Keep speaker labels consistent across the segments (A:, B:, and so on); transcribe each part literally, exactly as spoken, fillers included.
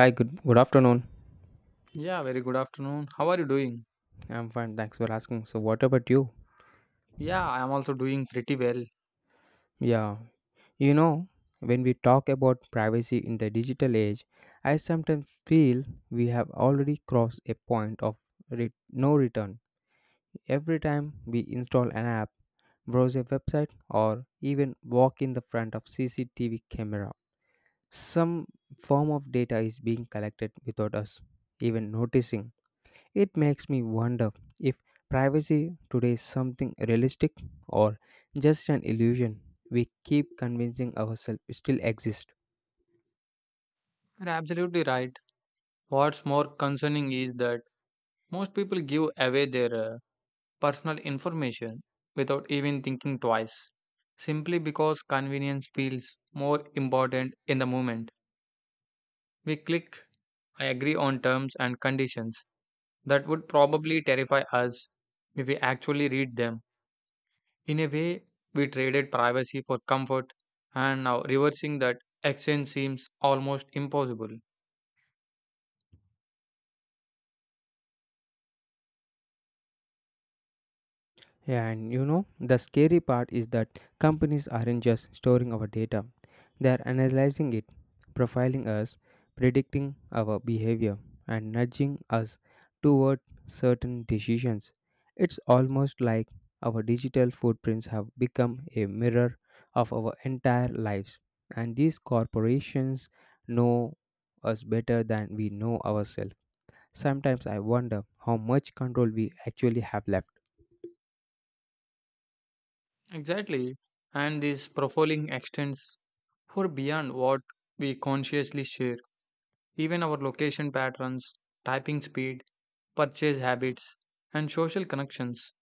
A: Hi, good good afternoon.
B: Yeah, very good afternoon. How are you doing?
A: I'm fine, thanks for asking. So what about you?
B: Yeah, I am also doing pretty well.
A: Yeah. You know, when we talk about privacy in the digital age, I sometimes feel we have already crossed a point of re- no return. Every time we install an app, browse a website, or even walk in the front of C C T V camera, some form of data is being collected without us even noticing. It makes me wonder if privacy today is something realistic or just an illusion we keep convincing ourselves still exists.
B: You're absolutely right. What's more concerning is that most people give away their uh, personal information without even thinking twice, simply because convenience feels more important in the moment. We click, I agree on terms and conditions that would probably terrify us if we actually read them. In a way, we traded privacy for comfort, and now reversing that exchange seems almost impossible.
A: Yeah, and you know, the scary part is that companies aren't just storing our data, they are analyzing it, profiling us, predicting our behavior, and nudging us toward certain decisions. It's almost like our digital footprints have become a mirror of our entire lives, and these corporations know us better than we know ourselves. Sometimes I wonder how much control we actually have left.
B: Exactly. And this profiling extends for beyond what we consciously share. Even our location patterns, typing speed, purchase habits, and social connections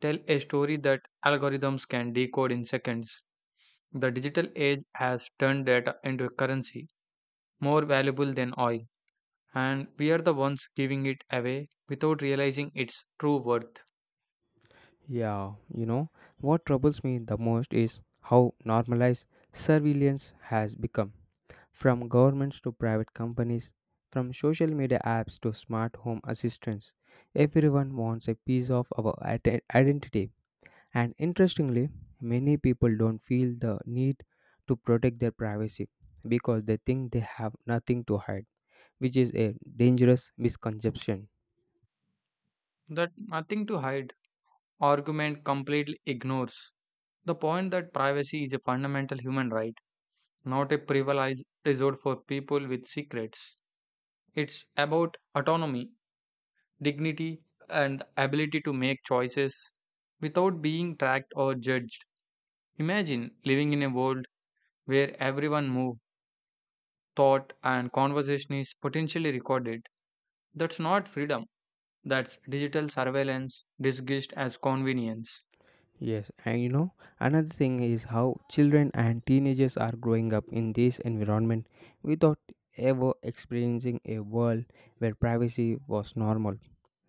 B: tell a story that algorithms can decode in seconds. The digital age has turned data into a currency more valuable than oil, and we are the ones giving it away without realizing its true worth.
A: Yeah, you know, what troubles me the most is how normalized surveillance has become. From governments to private companies, from social media apps to smart home assistants, everyone wants a piece of our ide- identity. And interestingly, many people don't feel the need to protect their privacy because they think they have nothing to hide, which is a dangerous misconception.
B: That nothing to hide argument completely ignores the point that privacy is a fundamental human right, not a privileged resort for people with secrets. It's about autonomy, dignity, and the ability to make choices without being tracked or judged. Imagine living in a world where everyone move, thought, and conversation is potentially recorded. That's not freedom. That's digital surveillance disguised as convenience.
A: Yes, and you know, another thing is how children and teenagers are growing up in this environment without ever experiencing a world where privacy was normal.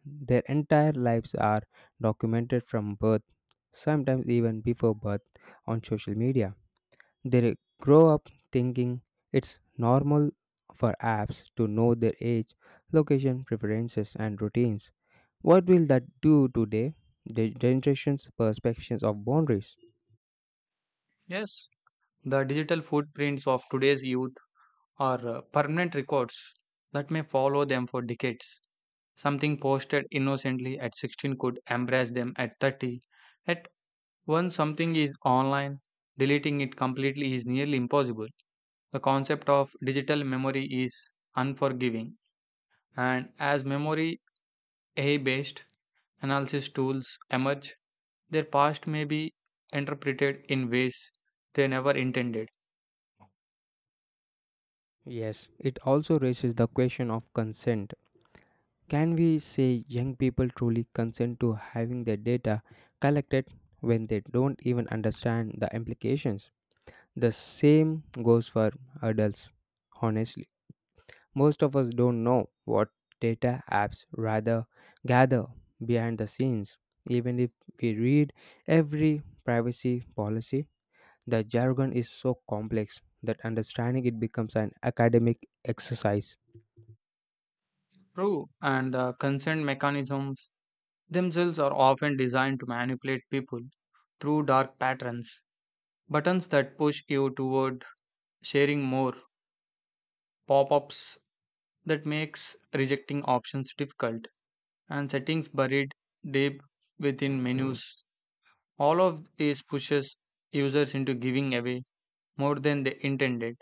A: Their entire lives are documented from birth, sometimes even before birth, on social media. They grow up thinking it's normal for apps to know their age, location, preferences, and routines. What will that do today? The generation's perceptions of boundaries.
B: Yes, the digital footprints of today's youth are uh, permanent records that may follow them for decades. Something posted innocently at sixteen could embrace them at thirty. At once something is online, deleting it completely is nearly impossible. The concept of digital memory is unforgiving, and as memory A I based analysis tools emerge, their past may be interpreted in ways they never intended.
A: Yes, it also raises the question of consent. Can we say young people truly consent to having their data collected when they don't even understand the implications? The same goes for adults, honestly. Most of us don't know what data apps rather gather behind the scenes. Even if we read every privacy policy, the jargon is so complex that understanding it becomes an academic exercise.
B: True, and the consent mechanisms themselves are often designed to manipulate people through dark patterns. Buttons that push you toward sharing more, pop ups that makes rejecting options difficult, and settings buried deep within menus. All of these pushes users into giving away more than they intended.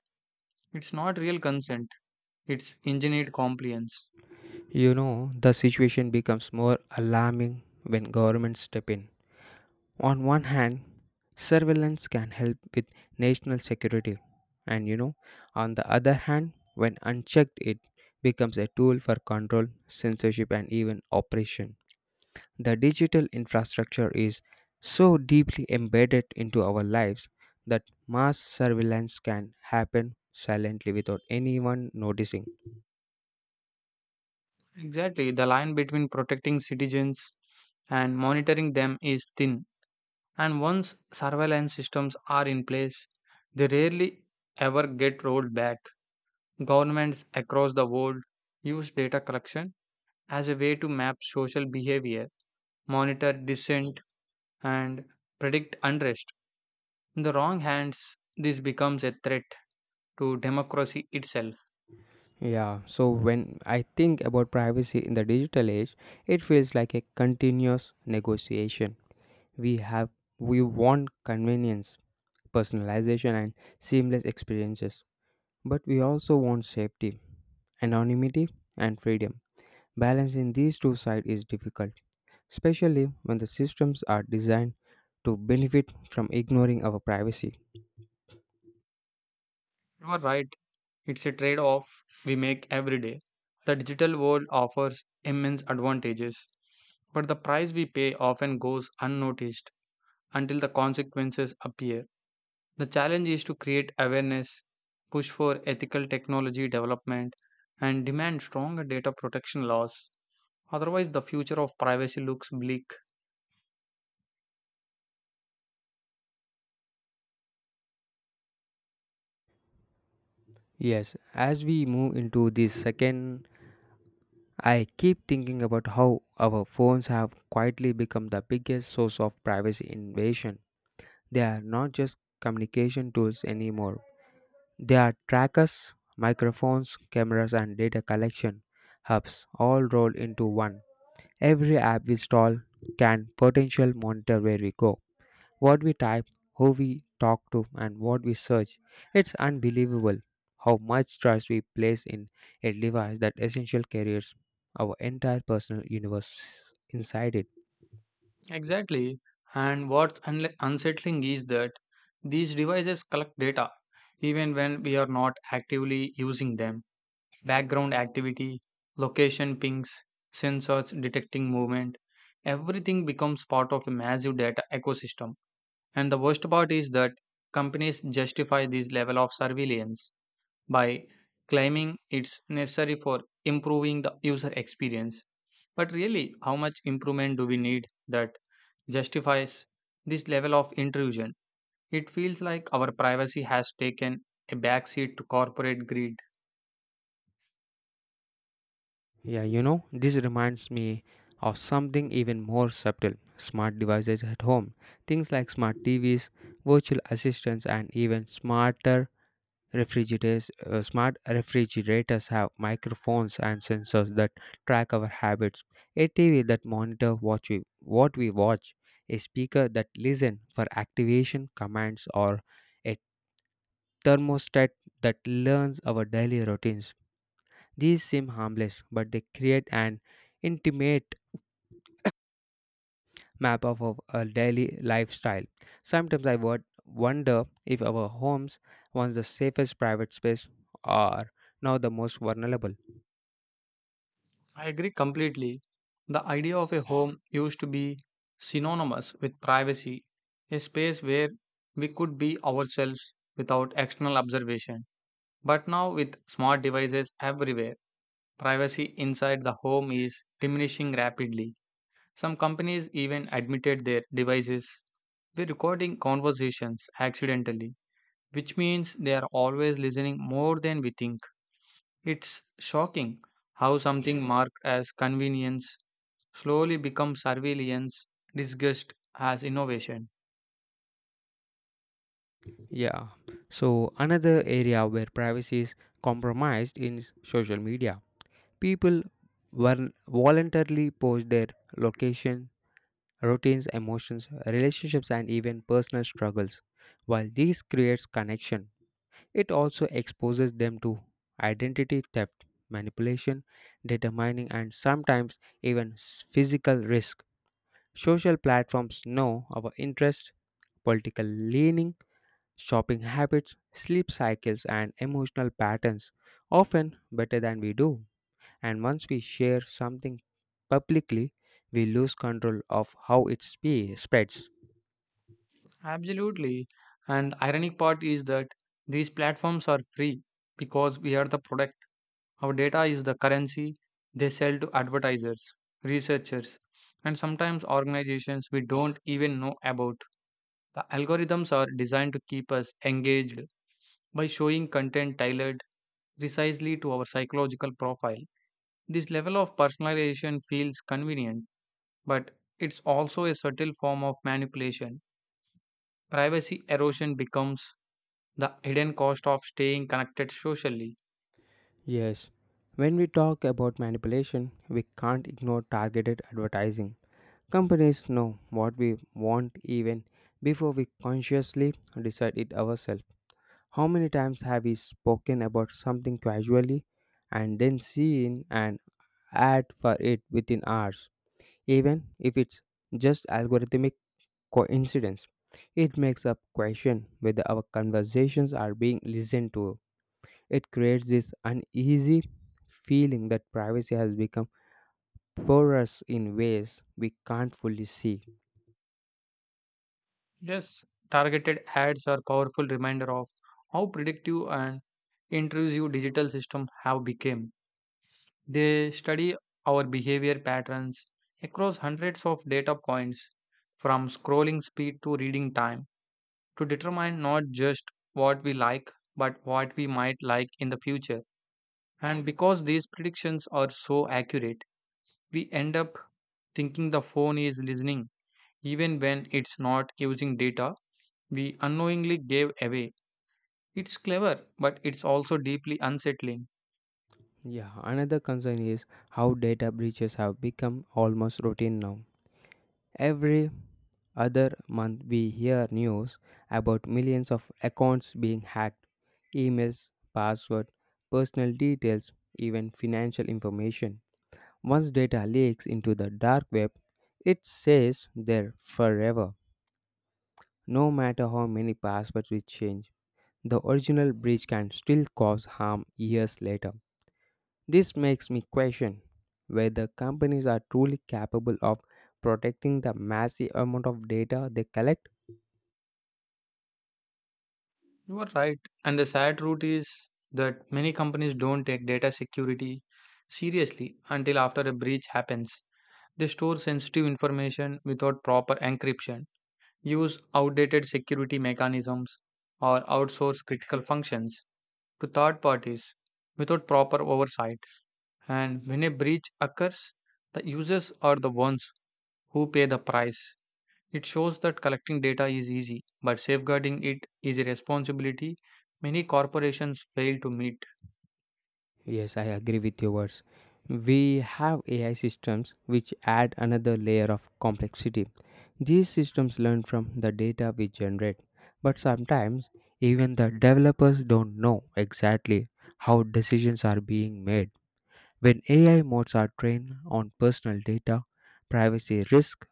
B: It's not real consent, it's engineered compliance.
A: You know, the situation becomes more alarming when governments step in. On one hand, surveillance can help with national security, and you know, on the other hand, when unchecked, it becomes a tool for control, censorship, and even oppression. The digital infrastructure is so deeply embedded into our lives that mass surveillance can happen silently without anyone noticing.
B: Exactly, the line between protecting citizens and monitoring them is thin, and once surveillance systems are in place, they rarely ever get rolled back. Governments across the world use data collection as a way to map social behavior, monitor dissent, and predict unrest. In the wrong hands, this becomes a threat to democracy itself.
A: Yeah, so when I think about privacy in the digital age, it feels like a continuous negotiation we have. We want convenience, personalization, and seamless experiences, but we also want safety, anonymity, and freedom. Balancing these two sides is difficult, especially when the systems are designed to benefit from ignoring our privacy.
B: You are right. It's a trade off we make every day. The digital world offers immense advantages, but the price we pay often goes unnoticed until the consequences appear. The challenge is to create awareness, push for ethical technology development, and demand stronger data protection laws. Otherwise, the future of privacy looks bleak.
A: Yes, as we move into this second, I keep thinking about how our phones have quietly become the biggest source of privacy invasion. They are not just communication tools anymore. They are trackers, microphones, cameras, and data collection hubs all rolled into one. Every app we install can potential monitor where we go, what we type, who we talk to, and what we search. It's unbelievable how much trust we place in a device that essential carries our entire personal universe inside it.
B: Exactly. And what's unle- unsettling is that these devices collect data even when we are not actively using them, background activity, location pings, sensors detecting movement. Everything becomes part of a massive data ecosystem. And the worst part is that companies justify this level of surveillance by claiming it's necessary for improving the user experience. But really, how much improvement do we need that justifies this level of intrusion? It feels like our privacy has taken a backseat to corporate greed.
A: Yeah, you know, this reminds me of something even more subtle: smart devices at home. Things like smart T Vs, virtual assistants, and even smarter refrigerators. Uh, smart refrigerators have microphones and sensors that track our habits, a T V that monitor what we, what we watch, a speaker that listen for activation commands, or a thermostat that learns our daily routines. These seem harmless, but they create an intimate map of our our daily lifestyle. Sometimes I would wonder if our homes, once the safest private space, are now the most vulnerable.
B: I agree completely. The idea of a home used to be synonymous with privacy, a space where we could be ourselves without external observation. But now, with smart devices everywhere, privacy inside the home is diminishing rapidly. Some companies even admitted their devices were recording conversations accidentally, which means they are always listening more than we think. It's shocking how something marked as convenience slowly becomes surveillance disguised as innovation.
A: Yeah. So another area where privacy is compromised is social media. People vol- voluntarily post their location, routines, emotions, relationships, and even personal struggles. While this creates connection, it also exposes them to identity theft, manipulation, data mining, and sometimes even s- physical risk. Social platforms know our interests, political leaning, shopping habits, sleep cycles, and emotional patterns, often better than we do. And once we share something publicly, we lose control of how it spe- spreads.
B: Absolutely. And ironic part is that these platforms are free because we are the product. Our data is the currency they sell to advertisers, researchers, and sometimes organizations we don't even know about. The algorithms are designed to keep us engaged by showing content tailored precisely to our psychological profile. This level of personalization feels convenient, but it's also a subtle form of manipulation. Privacy erosion becomes the hidden cost of staying connected socially.
A: Yes, when we talk about manipulation, we can't ignore targeted advertising. Companies know what we want even before we consciously decide it ourselves. How many times have we spoken about something casually and then seen an ad for it within hours, even if it's just algorithmic coincidence? It makes us question whether our conversations are being listened to. It creates this uneasy feeling that privacy has become porous in ways we can't fully see.
B: Yes, targeted ads are powerful reminder of how predictive and intrusive digital systems have become. They study our behavior patterns across hundreds of data points from scrolling speed to reading time, to determine not just what we like, but what we might like in the future. And because these predictions are so accurate, we end up thinking the phone is listening even when it's not, using data we unknowingly gave away. It's clever, but it's also deeply unsettling.
A: Yeah, another concern is how data breaches have become almost routine now. Every other month, we hear news about millions of accounts being hacked, emails, password, personal details, even financial information. Once data leaks into the dark web, it stays there forever. No matter how many passwords we change, the original breach can still cause harm years later. This makes me question whether companies are truly capable of protecting the massive amount of data they collect.
B: You are right. And the sad truth is that many companies don't take data security seriously until after a breach happens. They store sensitive information without proper encryption, use outdated security mechanisms, or outsource critical functions to third parties without proper oversight. And when a breach occurs, the users are the ones who pay the price. It shows that collecting data is easy, but safeguarding it is a responsibility many corporations fail to meet.
A: Yes, I agree with your words. We have A I systems which add another layer of complexity. These systems learn from the data we generate, but sometimes even the developers don't know exactly how decisions are being made. When A I modes are trained on personal data, privacy risk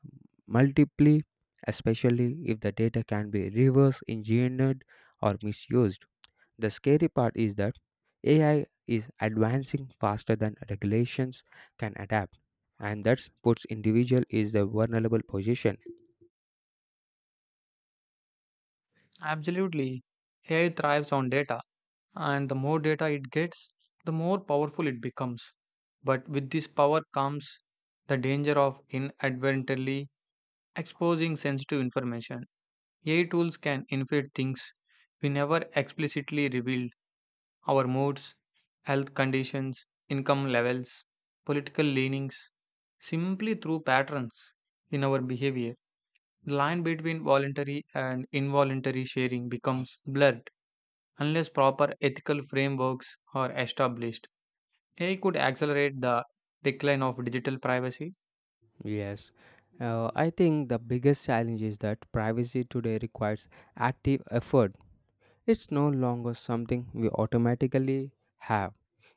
A: multiply, especially if the data can be reverse engineered or misused. The scary part is that A I is advancing faster than regulations can adapt, and that puts individual in a vulnerable position.
B: Absolutely, A I thrives on data, and the more data it gets, the more powerful it becomes. But with this power comes the danger of inadvertently exposing sensitive information. A I tools can infer things we never explicitly revealed, our moods, health conditions, income levels, political leanings, simply through patterns in our behavior. The line between voluntary and involuntary sharing becomes blurred. Unless proper ethical frameworks are established, A I could accelerate the decline of digital privacy.
A: Yes, uh, I think the biggest challenge is that privacy today requires active effort. It's no longer something we automatically have,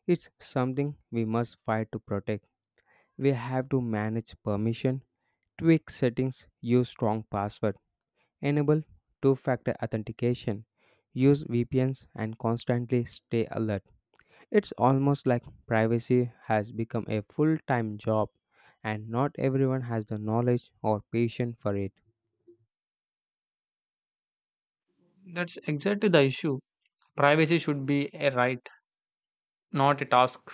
A: it's something we must fight to protect. We have to manage permission, tweak settings, use strong password, enable two factor authentication, use V P Ns, and constantly stay alert. It's almost like privacy has become a full time job, and not everyone has the knowledge or patience for it.
B: That's exactly the issue. Privacy should be a right, not a task.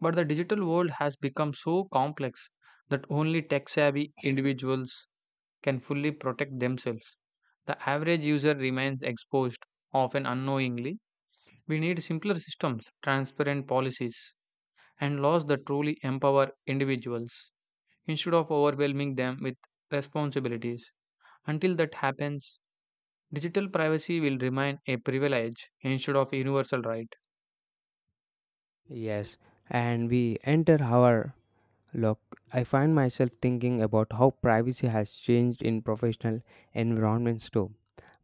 B: But the digital world has become so complex that only tech savvy individuals can fully protect themselves. The average user remains exposed, often unknowingly. We need simpler systems, transparent policies, and laws that truly empower individuals, instead of overwhelming them with responsibilities. Until that happens, digital privacy will remain a privilege instead of a universal right.
A: Yes, and we enter our, look, I find myself thinking about how privacy has changed in professional environments too.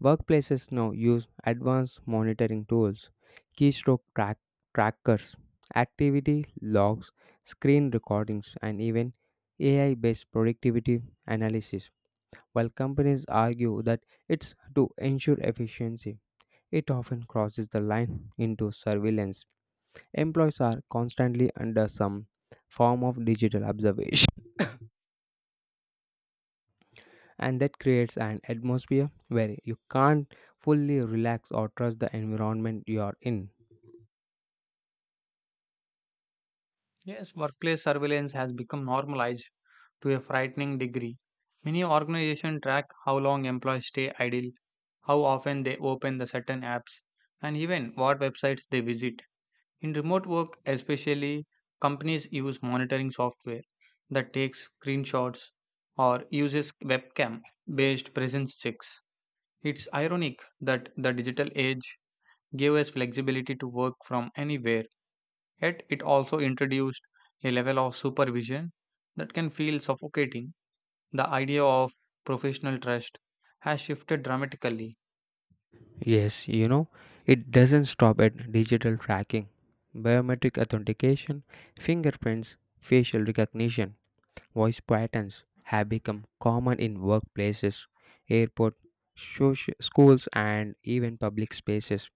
A: Workplaces now use advanced monitoring tools, keystroke track- trackers, activity logs, screen recordings, and even A I based productivity analysis. While companies argue that it's to ensure efficiency, it often crosses the line into surveillance. Employees are constantly under some form of digital observation, and that creates an atmosphere where you can't fully relax or trust the environment you are in.
B: Yes, workplace surveillance has become normalized to a frightening degree. Many organizations track how long employees stay idle, how often they open the certain apps, and even what websites they visit. In remote work, especially, companies use monitoring software that takes screenshots or uses webcam based presence checks. It's ironic that the digital age gave us flexibility to work from anywhere, yet it also introduced a level of supervision that can feel suffocating. The idea of professional trust has shifted dramatically.
A: Yes, you know, it doesn't stop at digital tracking, biometric authentication, fingerprints, facial recognition, voice patterns have become common in workplaces, airports, schools, and even public spaces.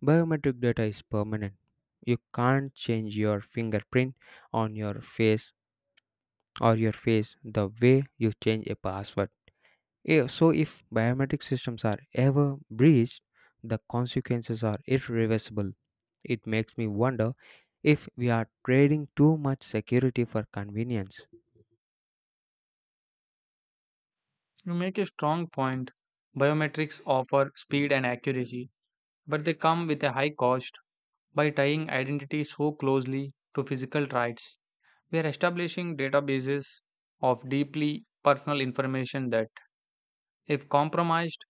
A: Biometric data is permanent. You can't change your fingerprint on your face or your face the way you change a password. Eh, So, if biometric systems are ever breached, the consequences are irreversible. It makes me wonder if we are trading too much security for convenience.
B: You make a strong point. Biometrics offer speed and accuracy, but they come with a high cost by tying identity so closely to physical rights. We are establishing databases of deeply personal information that, if compromised,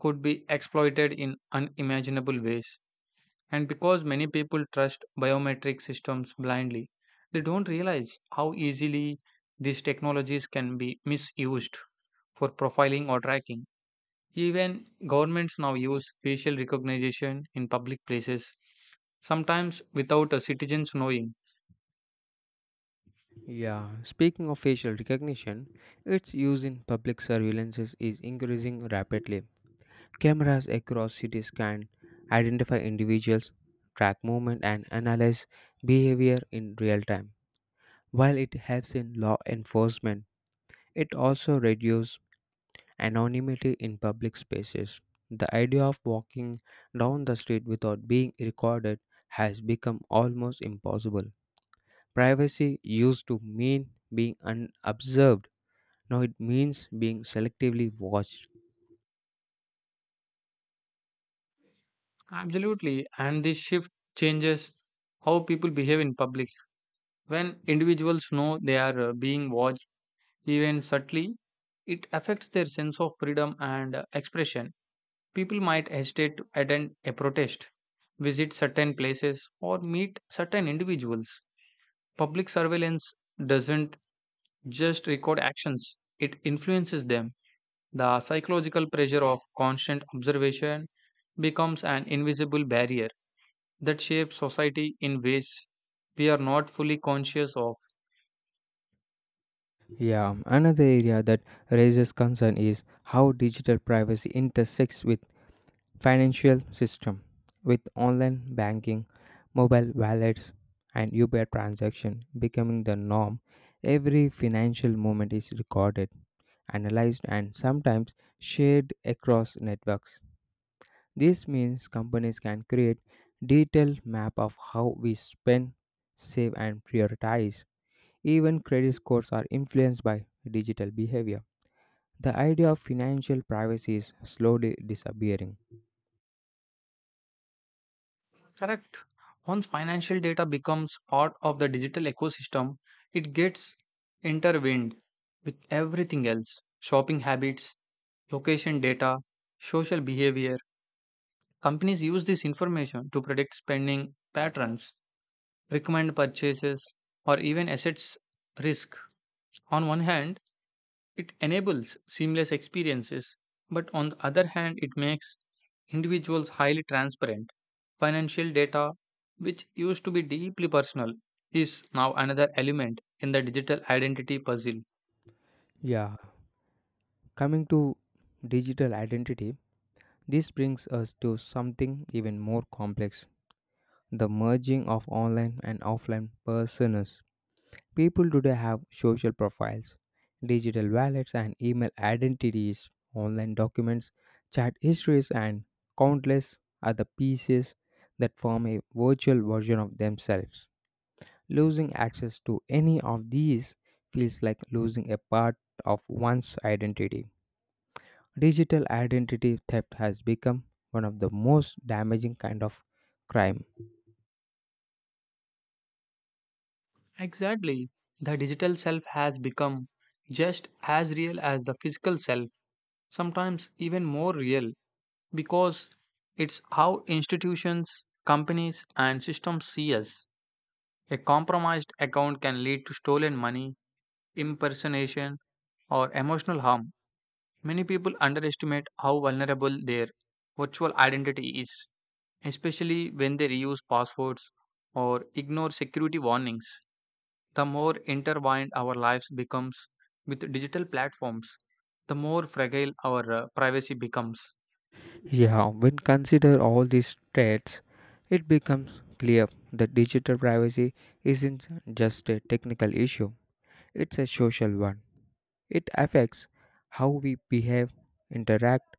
B: could be exploited in unimaginable ways. And because many people trust biometric systems blindly, they don't realize how easily these technologies can be misused for profiling or tracking. Even governments now use facial recognition in public places, sometimes without a citizen's knowing.
A: Yeah, speaking of facial recognition, its use in public surveillances is increasing rapidly. Cameras across cities can identify individuals, track movement, and analyze behavior in real time. While it helps in law enforcement, it also reduces anonymity in public spaces. The idea of walking down the street without being recorded has become almost impossible. Privacy used to mean being unobserved, now it means being selectively watched.
B: Absolutely, and this shift changes how people behave in public. When individuals know they are uh, being watched, even subtly, it affects their sense of freedom and uh, expression. People might hesitate to attend a protest, visit certain places, or meet certain individuals. Public surveillance doesn't just record actions, it influences them. The psychological pressure of constant observation becomes an invisible barrier that shapes society in ways we are not fully conscious of.
A: Yeah, another area that raises concern is how digital privacy intersects with financial system, with online banking, mobile wallets, and Uber transaction becoming the norm. Every financial movement is recorded, analyzed, and sometimes shared across networks. This means companies can create detailed map of how we spend, save, and prioritize. Even credit scores are influenced by digital behavior. The idea of financial privacy is slowly disappearing.
B: Correct. Once financial data becomes part of the digital ecosystem, it gets intertwined with everything else, shopping habits, location data, social behavior. Companies use this information to predict spending patterns, recommend purchases, or even assets risk. On one hand, it enables seamless experiences, but on the other hand, it makes individuals highly transparent. Financial data, which used to be deeply personal, is now another element in the digital identity puzzle.
A: Yeah, coming to digital identity, this brings us to something even more complex: the merging of online and offline personas. People today have social profiles, digital wallets, and email identities, online documents, chat histories, and countless other pieces that form a virtual version of themselves. Losing access to any of these feels like losing a part of one's identity. Digital identity theft has become one of the most damaging kind of crime.
B: Exactly. The digital self has become just as real as the physical self, sometimes even more real, because it's how institutions, companies, and systems see us. A compromised account can lead to stolen money, impersonation, or emotional harm. Many people underestimate how vulnerable their virtual identity is, especially when they reuse passwords or ignore security warnings. The more intertwined our lives becomes with digital platforms, the more fragile our uh, privacy becomes.
A: Yeah, when consider all these threats, it becomes clear that digital privacy isn't just a technical issue, it's a social one. It affects how we behave, interact,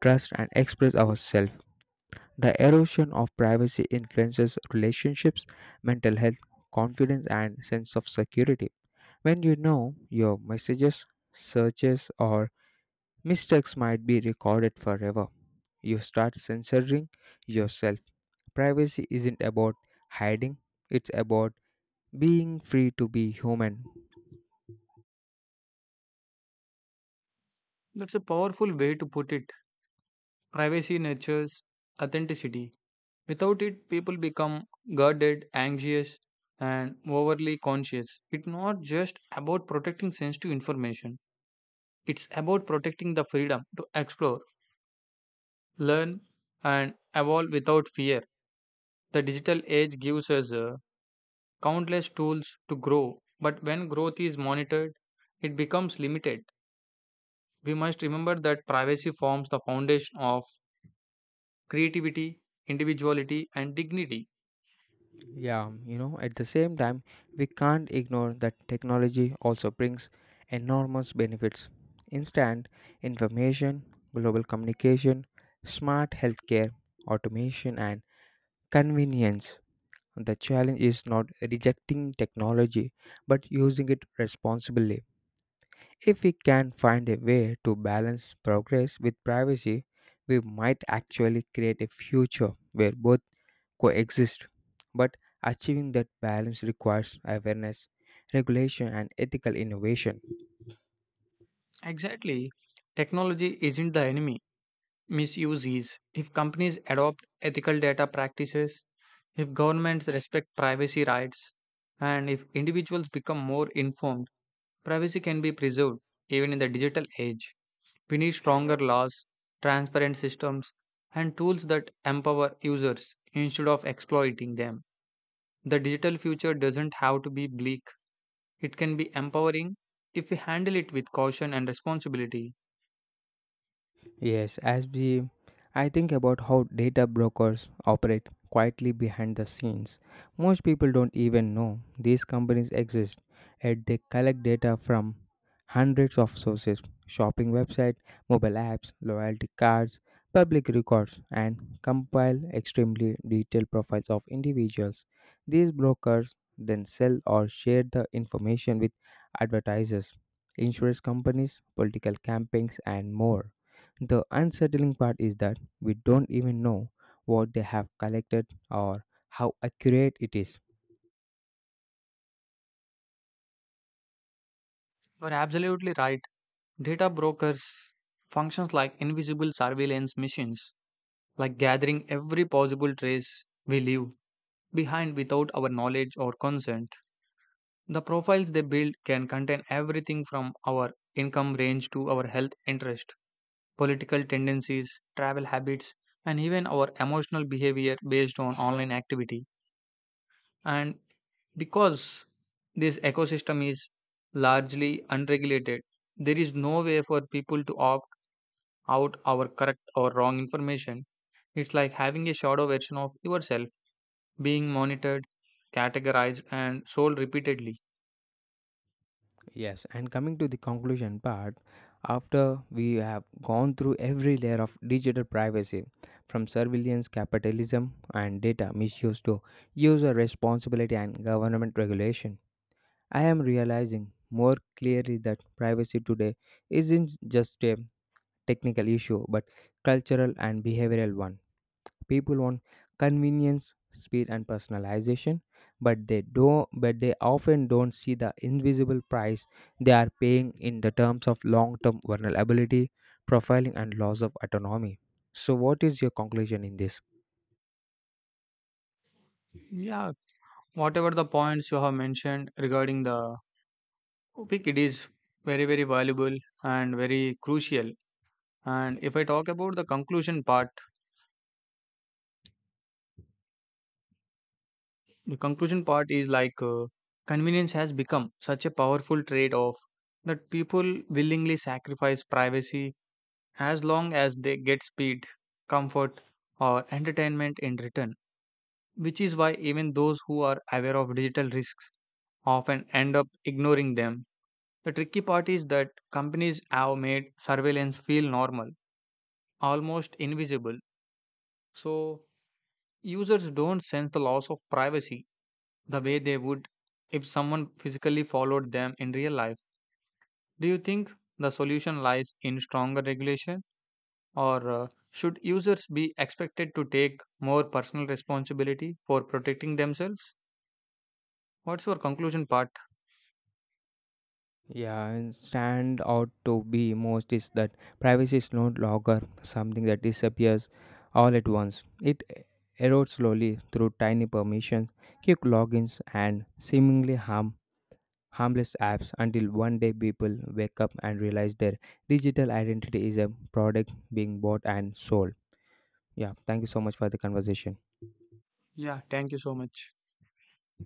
A: trust, and express ourselves. The erosion of privacy influences relationships, mental health, confidence, and sense of security. When you know your messages, searches, or mistakes might be recorded forever, you start censoring yourself. Privacy isn't about hiding, it's about being free to be human.
B: That's a powerful way to put it. Privacy nurtures authenticity. Without it, people become guarded, anxious, and overly conscious. It's not just about protecting sensitive information, it's about protecting the freedom to explore, learn, and evolve without fear. The digital age gives us uh, countless tools to grow, but when growth is monitored, it becomes limited. We must remember that privacy forms the foundation of creativity, individuality, and dignity.
A: Yeah, you know, at the same time, we can't ignore that technology also brings enormous benefits. Instant information, global communication, smart healthcare, automation, and convenience. The challenge is not rejecting technology but using it responsibly. If we can find a way to balance progress with privacy, we might actually create a future where both coexist. But achieving that balance requires awareness, regulation, and ethical innovation.
B: Exactly, technology isn't the enemy, misuses, if companies adopt ethical data practices, if governments respect privacy rights, and if individuals become more informed, privacy can be preserved even in the digital age. We need stronger laws, transparent systems, and tools that empower users instead of exploiting them. The digital future doesn't have to be bleak, it can be empowering if we handle it with caution and responsibility.
A: Yes, as we, I think about how data brokers operate quietly behind the scenes. Most people don't even know these companies exist, and they collect data from hundreds of sources: shopping websites, mobile apps, loyalty cards, public records, and compile extremely detailed profiles of individuals. These brokers then sell or share the information with advertisers, insurance companies, political campaigns, and more. The unsettling part is that we don't even know what they have collected or how accurate it is.
B: You are absolutely right. Data brokers functions like invisible surveillance machines, like gathering every possible trace we leave behind without our knowledge or consent. The profiles they build can contain everything from our income range to our health interest, political tendencies, travel habits, and even our emotional behavior based on online activity. And because this ecosystem is largely unregulated, there is no way for people to opt out our correct or wrong information. It's like having a shadow version of yourself being monitored, categorized, and sold repeatedly.
A: Yes, and coming to the conclusion part, after we have gone through every layer of digital privacy, from surveillance, capitalism, and data misuse to user responsibility and government regulation, I am realizing more clearly that privacy today isn't just a technical issue but cultural and behavioral one. People want convenience, speed, and personalization, but they do not but they often don't see the invisible price they are paying in the terms of long-term vulnerability, profiling, and loss of autonomy. So, what is your conclusion in this?
B: Yeah, whatever the points you have mentioned regarding the topic, it is very, very valuable and very crucial. And if I talk about the conclusion part, the conclusion part is like uh, convenience has become such a powerful trade off that people willingly sacrifice privacy as long as they get speed, comfort, or entertainment in return, which is why even those who are aware of digital risks often end up ignoring them. The tricky part is that companies have made surveillance feel normal, almost invisible, so users don't sense the loss of privacy the way they would if someone physically followed them in real life. Do you think the solution lies in stronger regulation? Or uh, should users be expected to take more personal responsibility for protecting themselves? What's your conclusion part?
A: Yeah, and stand out to be most is that privacy is no longer something that disappears all at once. It erodes slowly through tiny permissions, quick logins, and seemingly harm harmless apps until one day people wake up and realize their digital identity is a product being bought and sold. Yeah, thank you so much for the conversation.
B: Yeah, thank you so much.